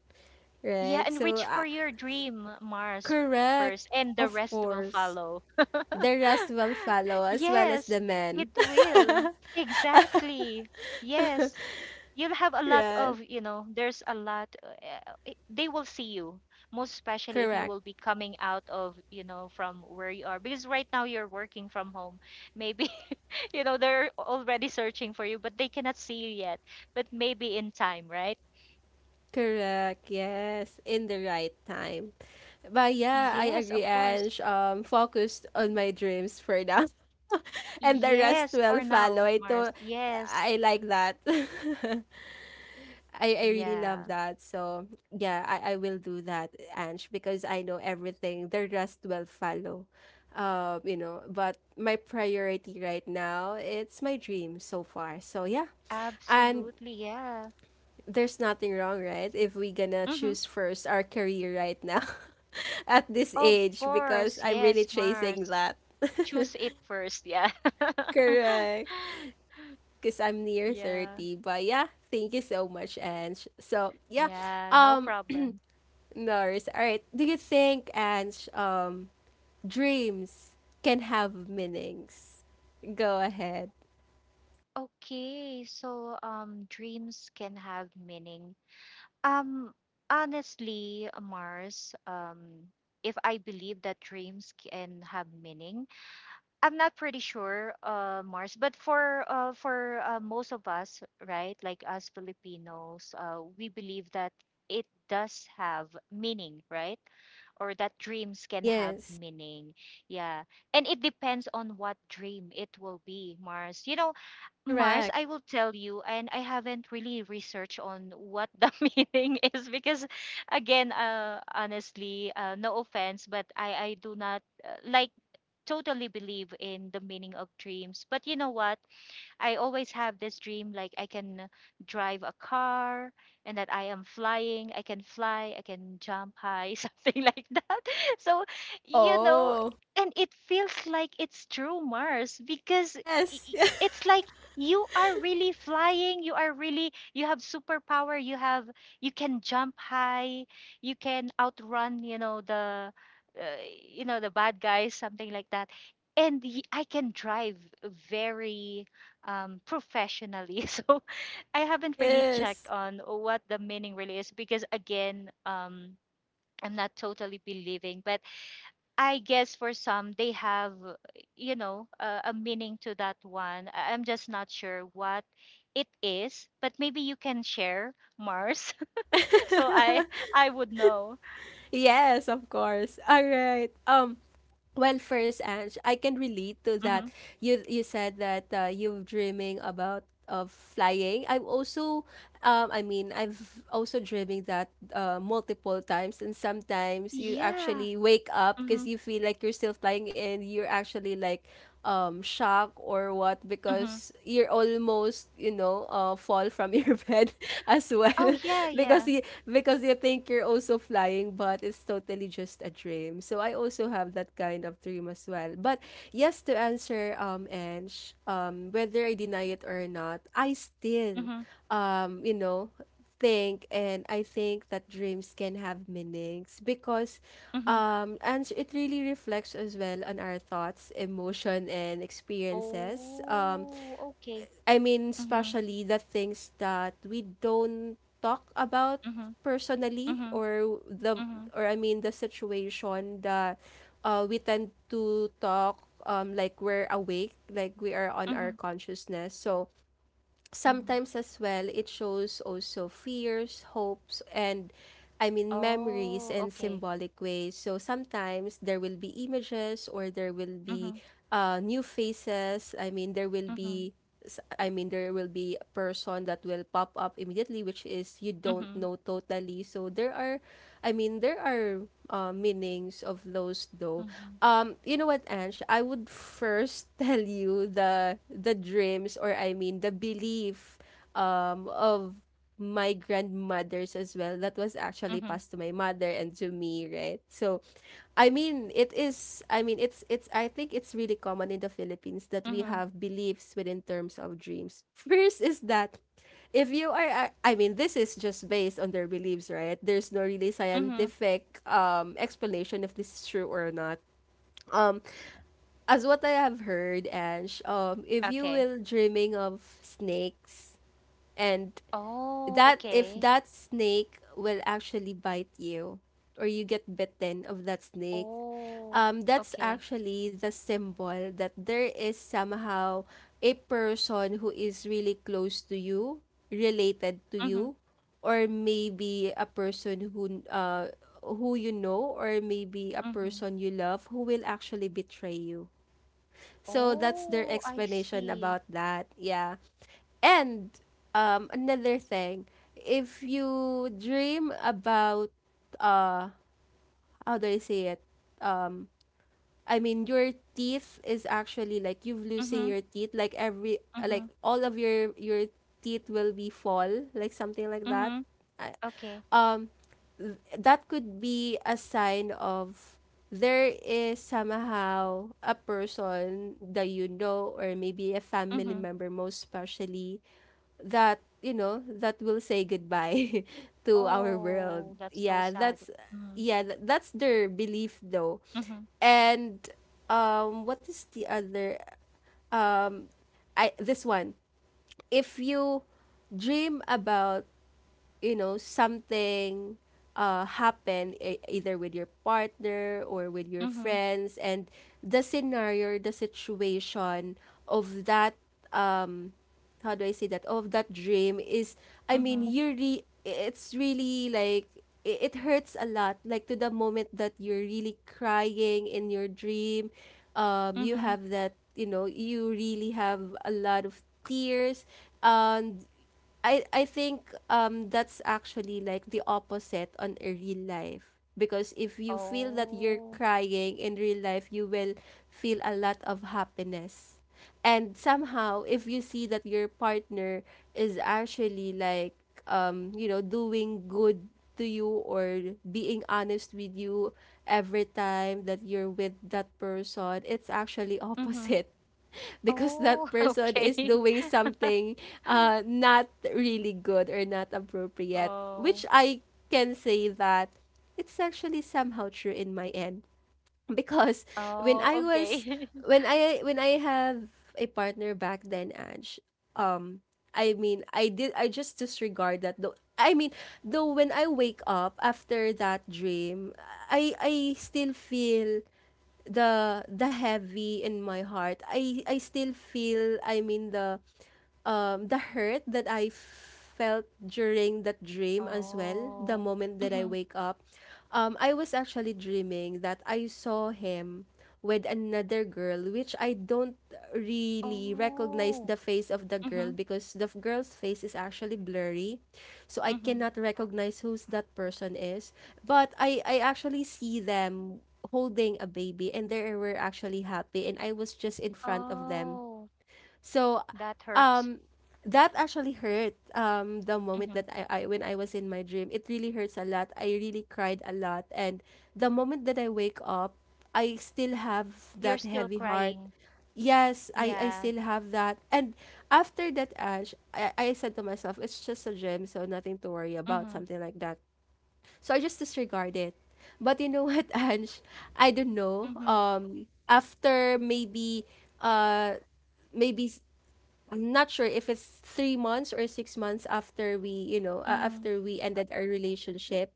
Yeah, Right? and So, reach for I, your dream, Mars, correct. first, and the Of rest will course. follow. The rest will follow as well as Yes, the it men. will. Exactly. Yes. You'll have a lot Right. of, you know, there's a lot. They will see you, most especially if you Correct. will be coming out of, you know, from where you are. Because right now you're working from home. Maybe, you know, they're already searching for you, but they cannot see you yet. But maybe in time, right? Correct. Yes. In the right time. But yeah, I Yes, of agree, course. Ange. Focused on my dreams for now. And the rest Yes, will for follow. now, Mars. Ito, Yes. I like that. I really love Yeah. that. So yeah, I will do that, Ange, because I know everything. The rest will follow. But my priority right now, it's my dream so far. So yeah. And Absolutely. Yeah. there's nothing wrong, right? If we gonna Mm-hmm. choose first our career right now at this Of age because course. I'm really Yes, chasing Mars. that. Choose it first. Yeah. Correct. Because I'm near Yeah. 30. But yeah, thank you so much, Ange. So yeah, Yeah. No um, problem. Norris. All right. Do you think, Ange, dreams can have meanings? Go ahead. Okay. So, dreams can have meaning. Um, honestly, Mars, if I believe that dreams can have meaning, I'm not pretty sure, Mars, but for most of us, right, like us Filipinos, we believe that it does have meaning, right? Or that dreams can have Yes. meaning. Yeah. And it depends on what dream it will be, Mars. You know, Mars, Correct. I will tell you, and I haven't really researched on what the meaning is because, again, honestly, no offense, but I do not like totally believe in the meaning of dreams. But you know what? I always have this dream like I can drive a car, and that I am flying, I can fly, I can jump high, something like that. So, you know, Oh. and it feels like it's true, Mars, because Yes. It's like you are really flying, you are really, you have superpower, you have, you can jump high, you can outrun, uh, you know, the bad guys, something like that. And I can drive very professionally. So I haven't really checked Yes. on what the meaning really is because, again, I'm not totally believing, but I guess for some, they have, you know, a meaning to that one. I'm just not sure what it is, but maybe you can share, Mars, so I would know. Yes, of course. All right. Well, first, Ange, I can relate to Hmm. that. You said that you're dreaming about of flying. I've also, I mean, I've also dreaming that multiple times, and sometimes you Yeah. actually wake up because Hmm. you feel like you're still flying, and you're actually like shock or what Hmm. because you're almost, fall from your bed as well Oh, yeah, because yeah. you, because you think you're also flying, but it's totally just a dream. So I also have that kind of dream as well, but yes, to answer, Ange, whether I deny it or not, I still, Hmm. um, you know think, and I think that dreams can have meanings, because Hmm. And it really reflects as well on our thoughts, emotion, and experiences. Oh, okay. I mean, Mm-hmm. especially the things that we don't talk about Mm-hmm. personally, or the Mm-hmm. or I mean the situation that we tend to talk like we're awake, like we are on our Mhm, consciousness. So mhm. sometimes as well, it shows also fears, hopes, and, I mean, memories Oh, in okay. symbolic ways. So sometimes there will be images, or there will be Mhm, new faces. I mean, mhm, there will be a person that will pop up immediately, which is you don't mhm, know totally. So there are, I mean, there are meanings of those, though. mhm, You know what, Ange, I would first tell you the dreams, or I mean the belief of my grandmothers as well that was actually mhm, passed to my mother and to me, right? So I mean, it is, I mean it's I think it's really common in the Philippines that we mhm, have beliefs within terms of dreams. First is that if you are I mean, this is just based on their beliefs, right? There's no really mhm. scientific explanation if this is true or not. Um as what I have heard, Ange, if you Okay. will dreaming of snakes, and Oh, that if okay. that snake will actually bite you, or you get bitten of that snake, Oh, that's okay. actually the symbol that there is somehow a person who is really close to you, related to Mhm, you, or maybe a person who you know, or maybe a mhm. person you love who will actually betray you. So that's their Oh, I explanation see. about that. Yeah. And, another thing, if you dream about uh how do I say it? Um I mean, your teeth is actually like you've losing Mhm, your teeth, like mhm, all of your teeth will be fall, like something like that. mhm. I- Okay. Um that could be a sign of there is somehow a person that you know, or maybe a family Mhm. member, most especially, that you know, that will say goodbye to our world. Oh, that's so yeah sad. that's Mhm, yeah th- that's their belief, though. mhm, And what is the other, um I this one. If you dream about, something happen, either with your partner or with your mhm, friends, and the scenario, the situation of that, um how do I say, that of that dream is, I mean, mhm, it's really like, it hurts a lot, like to the moment that you're really crying in your dream. You mhm. have that, you know, you really have a lot of tears. And I think, that's actually like the opposite on a real life, because if you feel that you're Oh, crying in real life, you will feel a lot of happiness. And somehow if you see that your partner is actually like, doing good to you, or being honest with you every time that you're with that person, it's actually mhm. opposite, because Oh, that person okay. is doing something not really good or not appropriate, which Oh, I can say that it's actually somehow true in my end because when oh, I was, okay. when I have a partner back then, Ange, um, I mean, I just disregard that, though. I mean, though when I wake up after that dream, I still feel the heavy in my heart. I still feel, I mean, the hurt that I felt during that dream as well. The Oh. moment that I Mhm. wake up, I was actually dreaming that I saw him with another girl, which I don't really recognize Oh. the face of the girl Mhm. because girl's face is actually blurry. So I Mhm. cannot recognize who's that person is. But I actually see them holding a baby, and they were actually happy, and I was just in front of them. Oh. So, That hurts. um that actually hurt, the moment Mhm. that I when I was in my dream. It really hurts a lot. I really cried a lot, and the moment that I wake up, I still have You're that still heavy heart. crying. Yes, I Yeah. still have that. And after that, Ash, I said to myself, it's just a dream, so nothing to worry about, Mhm. something like that. So I just disregard it. But you know what, Ange? I don't know. Mhm. After maybe, uh, maybe, I'm not sure if it's 3 months or 6 months after we, Mhm. after we ended our relationship.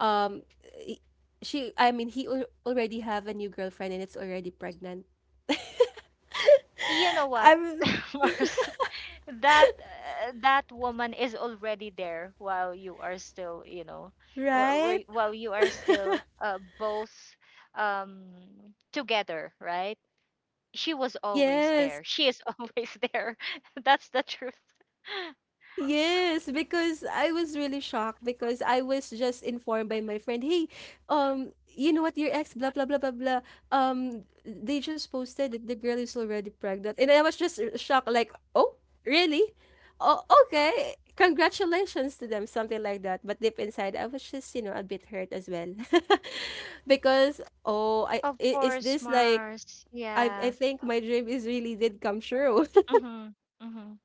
Um, i- she, I mean, he already have a new girlfriend, and it's already pregnant. You know what, I'm Mars? That that woman is already there while you are still, you know, wh- right. While you are still both um together, right? She was always Yes. there. She is always there. That's the truth. Yes, because I was really shocked because I was just informed by my friend, hey, you know what, your ex, blah blah blah blah blah. They just posted that the girl is already pregnant, and I was just shocked, like, oh, really? Oh, okay. Congratulations to them, something like that. But deep inside, I was just, you know, a bit hurt as well, because Of is course, this like Mars. I Yeah. think my dream is really did come true. Mhm. Mhm.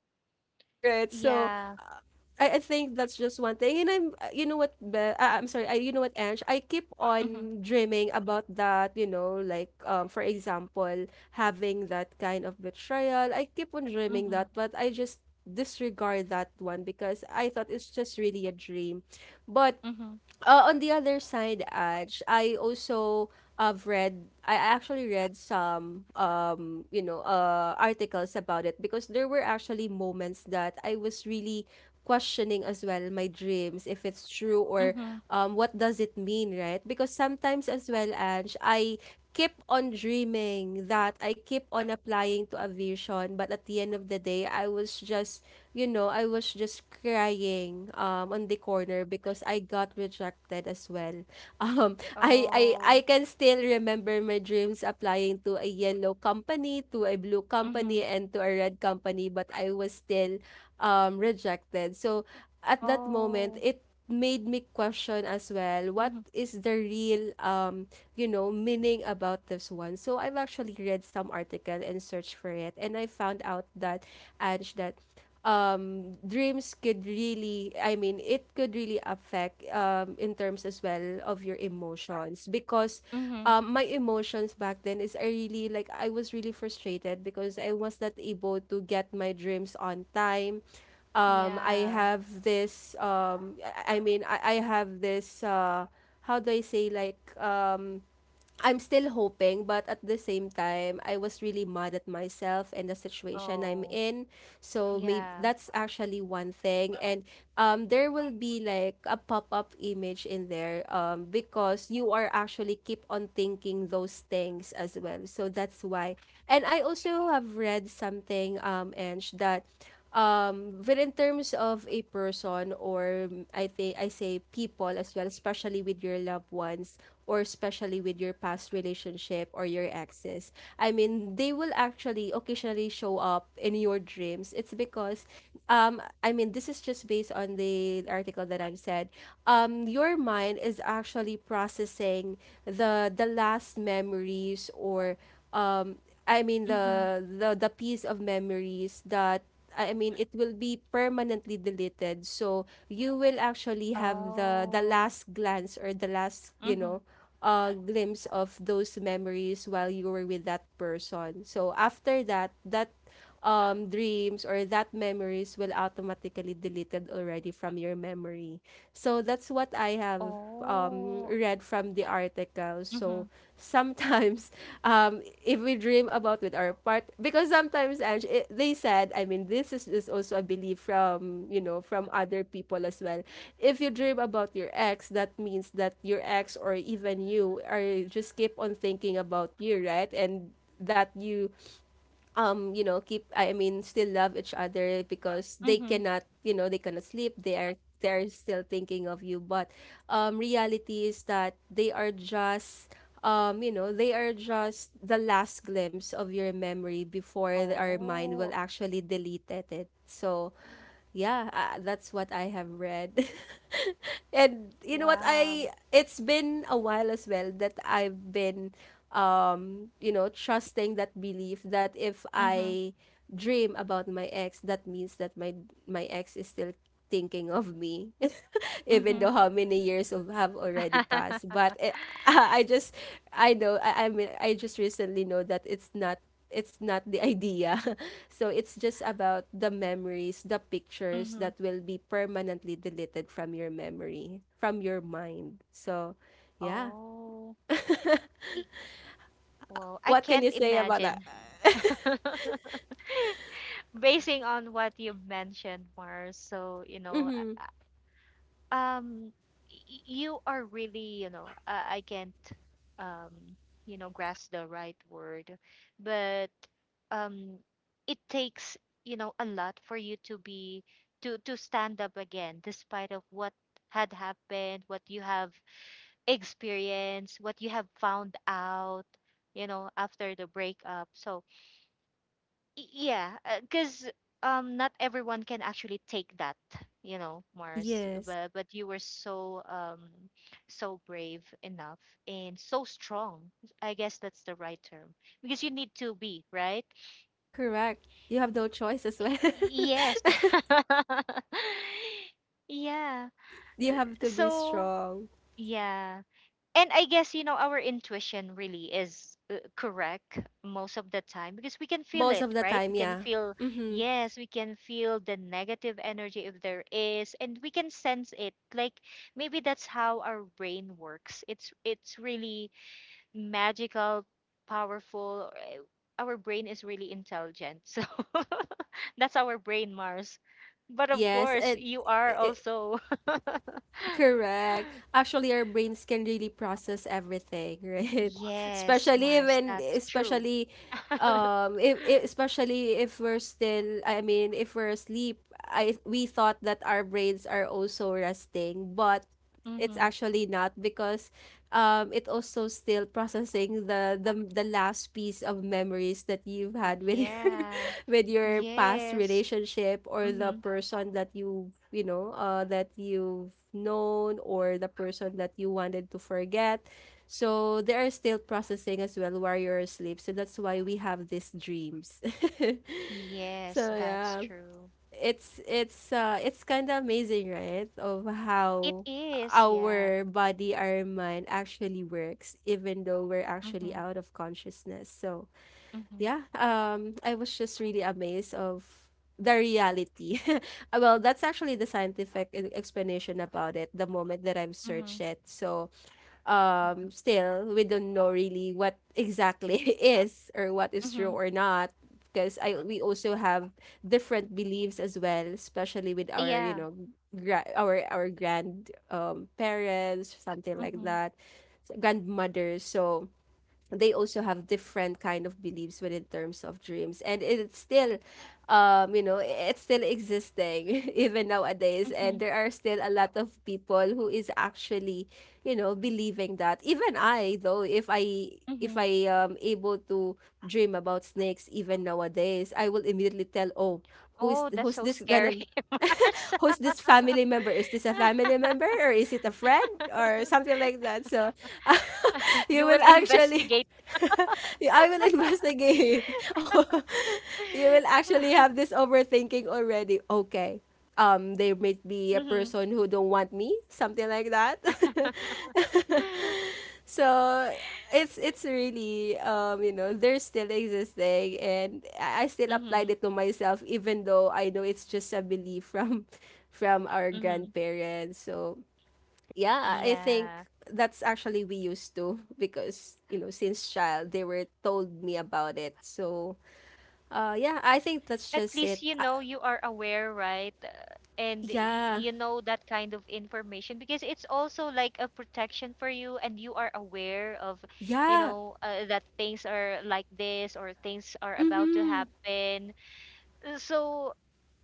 Right. So Yeah. uh, I think that's just one thing. And I'm sorry. I You know what, Ange, I keep Mhm. on dreaming about that, you know, like for example, having that kind of betrayal. I keep on dreaming Mhm. that, but I just disregard that one because I thought it's just really a dream. But Mhm. On the other side, Aj, I also have read. I actually read some, articles about it, because there were actually moments that I was really questioning as well my dreams if it's true or Mhm. What does it mean, right? Because sometimes as well, Aj, I keep on dreaming that I keep on applying to a vision, but at the end of the day I was just, you know, I was just crying on the corner because I got rejected as well. I Oh. can still remember my dreams applying to a yellow company, to a blue company, Mhm. and to a red company, but I was still rejected. So at that moment Oh. it made me question as well, what Mhm. is the real you know, meaning about this one? So I've actually read some article and searched for it, and I found out that, Ange, that dreams could really, I mean, it could really affect in terms as well of your emotions, because Mhm. My emotions back then is, I really, like, I was really frustrated because I was not able to get my dreams on time. I Yeah. have this I have this how do I say, like, I'm still hoping, but at the same time I was really mad at myself and the situation I'm Oh. in. So maybe Yeah. that's actually one thing. And there will be like a pop-up image in there, because you are actually keep on thinking those things as well. So that's why. And I also have read something, Ange, that but in terms of a person, or I think I say people as well, especially with your loved ones, or especially with your past relationship or your exes. I mean, they will actually occasionally show up in your dreams. It's because, I mean, this is just based on the article that I've said. Your mind is actually processing the last memories, or um I mean Mhm. the the the piece of memories that, I mean, it will be permanently deleted. So you will actually have the Oh. last glance, or the last, you Mhm. know, glimpse of those memories while you were with that person. So after that, that dreams or that memories will automatically deleted already from your memory. So that's what I have Oh. read from the article. So Mhm. sometimes, if we dream about with our part, because sometimes, Ange, they said, I mean, is also a belief from, you know, from other people as well. If you dream about your ex, that means that your ex, or even you, are just keep on thinking about you, right? And that you you know keep, I mean, still love each other, because they Mhm. cannot, you know, they cannot sleep. They are, they're still thinking of you. But reality is that they are just they are just the last glimpse of your memory before our mind will Oh. actually delete it. So yeah. That's what I have read. And you know what, I Wow. it's been a while as well that I've been you know, trusting that belief that if Mhm. I dream about my ex, that means that my ex is still thinking of me, even though Mhm. how many years of have already passed. But I just, I know I just recently know that it's not, it's not the idea. So it's just about the memories, the pictures Mhm. that will be permanently deleted from your memory, from your mind. So, yeah. Oh. E- Whoa. I What can can't you say about that? imagine. Basing on what you've mentioned, Mars, so you know, Mm-hmm. Uh, um, you are really, you know, I can't, um, you know, grasp the right word. But um, it takes, you know, a lot for you to be to stand up again, despite of what had happened, what you have experienced, what you have found out, you know, after the breakup. So yeah, because not everyone can actually take that, you know, Mars. Yes, But you were so so brave enough and so strong. I guess that's the right term because you need to be right. correct. You have no choice as well. Yes. Yeah. Y- you have to be So strong. yeah. And I guess, you know, our intuition really is, correct most of the time because we can feel Most it, of the right? We time, can yeah. feel, Mm-hmm. yes, we can feel the negative energy if there is, and we can sense it. Like maybe that's how our brain works. It's really magical, powerful. Our brain is really intelligent. So that's our brain, Mars. But of Yes, course, it, you are it also Correct. Actually, our brains can really process everything, right? yes, Especially Mars. when, That's true. If especially if we're still, I mean, if we're asleep, I we thought that our brains are also resting, but it's Mm-hmm. actually not, because it also still processing the last piece of memories that you've had with your, Yeah. with your past Yes. relationship, or the Mm-hmm. person that you know, that you've known, or the person that you wanted to forget. So they are still processing as well while you're asleep. So that's why we have these dreams. Yes, So that's yeah, true. it's it's kind of amazing, right, of It how is, yeah. our body, our mind actually works even though we're actually Mm-hmm. out of consciousness. So Mm-hmm. yeah, I was just really amazed of the reality. Well, that's actually the scientific explanation about it, the moment that I've Mm-hmm. searched it. So Mm-hmm. still, we don't know really what exactly is, or what is true Mm-hmm. or not, because I we also have different beliefs as well, especially with our, you Yeah. know, our our grand parents, something like Mm-hmm. that, grandmothers. So they also have different kind of beliefs within terms of dreams, and it's still you know, it's still existing even nowadays, Mm-hmm. and there are still a lot of people who is actually, you know, believing that. Even i though if i, if Mm-hmm. I am able to dream about snakes even nowadays, I will immediately tell, oh, Oh, that's who's so this gonna, scary. Arsa. who's this family member, is this a family member, or is it a friend, or something like that? So you You will will actually, investigate. I will investigate. You will actually have this overthinking already. Okay. There might be a Mm-hmm. person who don't want me, something like that. So it's really you know, they're still existing, and I still applied Mm-hmm. it to myself, even though I know it's just a belief from, from our Mm-hmm. grandparents. So yeah, I think Yeah. that's actually we used to, because you know, since child they were told me about it. So yeah, I think that's At just least it. you know you are aware, right? Yeah, You know that kind of information because it's also like a protection for you, and you are aware of, you yeah. know, that things are like this, or things are about to Mm-hmm. happen. So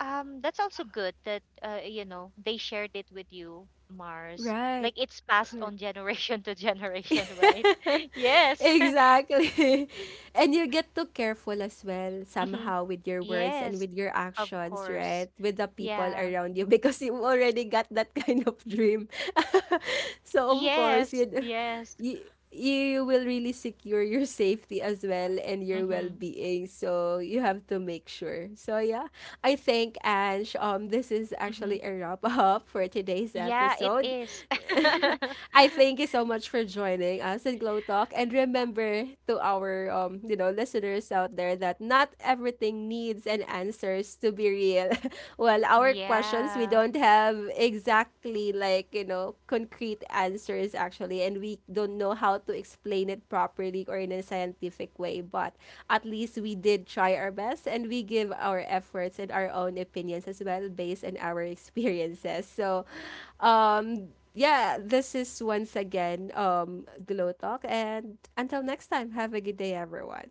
that's also good that, you know, they shared it with you, Mars. Right. Like it's passed Correct. on generation to generation, right? Yes. Exactly. And you get too careful as well Mhm. somehow with your words and Yes, with your of actions, course. right? With the people Yeah. around you, because you already got that kind of dream. So of course, Yes, you yes. you you will really secure your safety as well and your Mm-hmm. well-being, so you have to make sure. So yeah, I think, Ange, this is Mm-hmm. actually a wrap up for today's Yeah, it episode. is. I thank you so much for joining us in Glow Talk. And remember, to our listeners out there, that not everything needs an answers to be real. Well, our questions, we Yeah. don't have exactly, like, you know, concrete answers actually, and we don't know how to explain it properly or in a scientific way, but at least we did try our best, and we give our efforts and our own opinions as well based on our experiences. So um, yeah, this is once again, Glow Talk. And until next time, have a good day, everyone.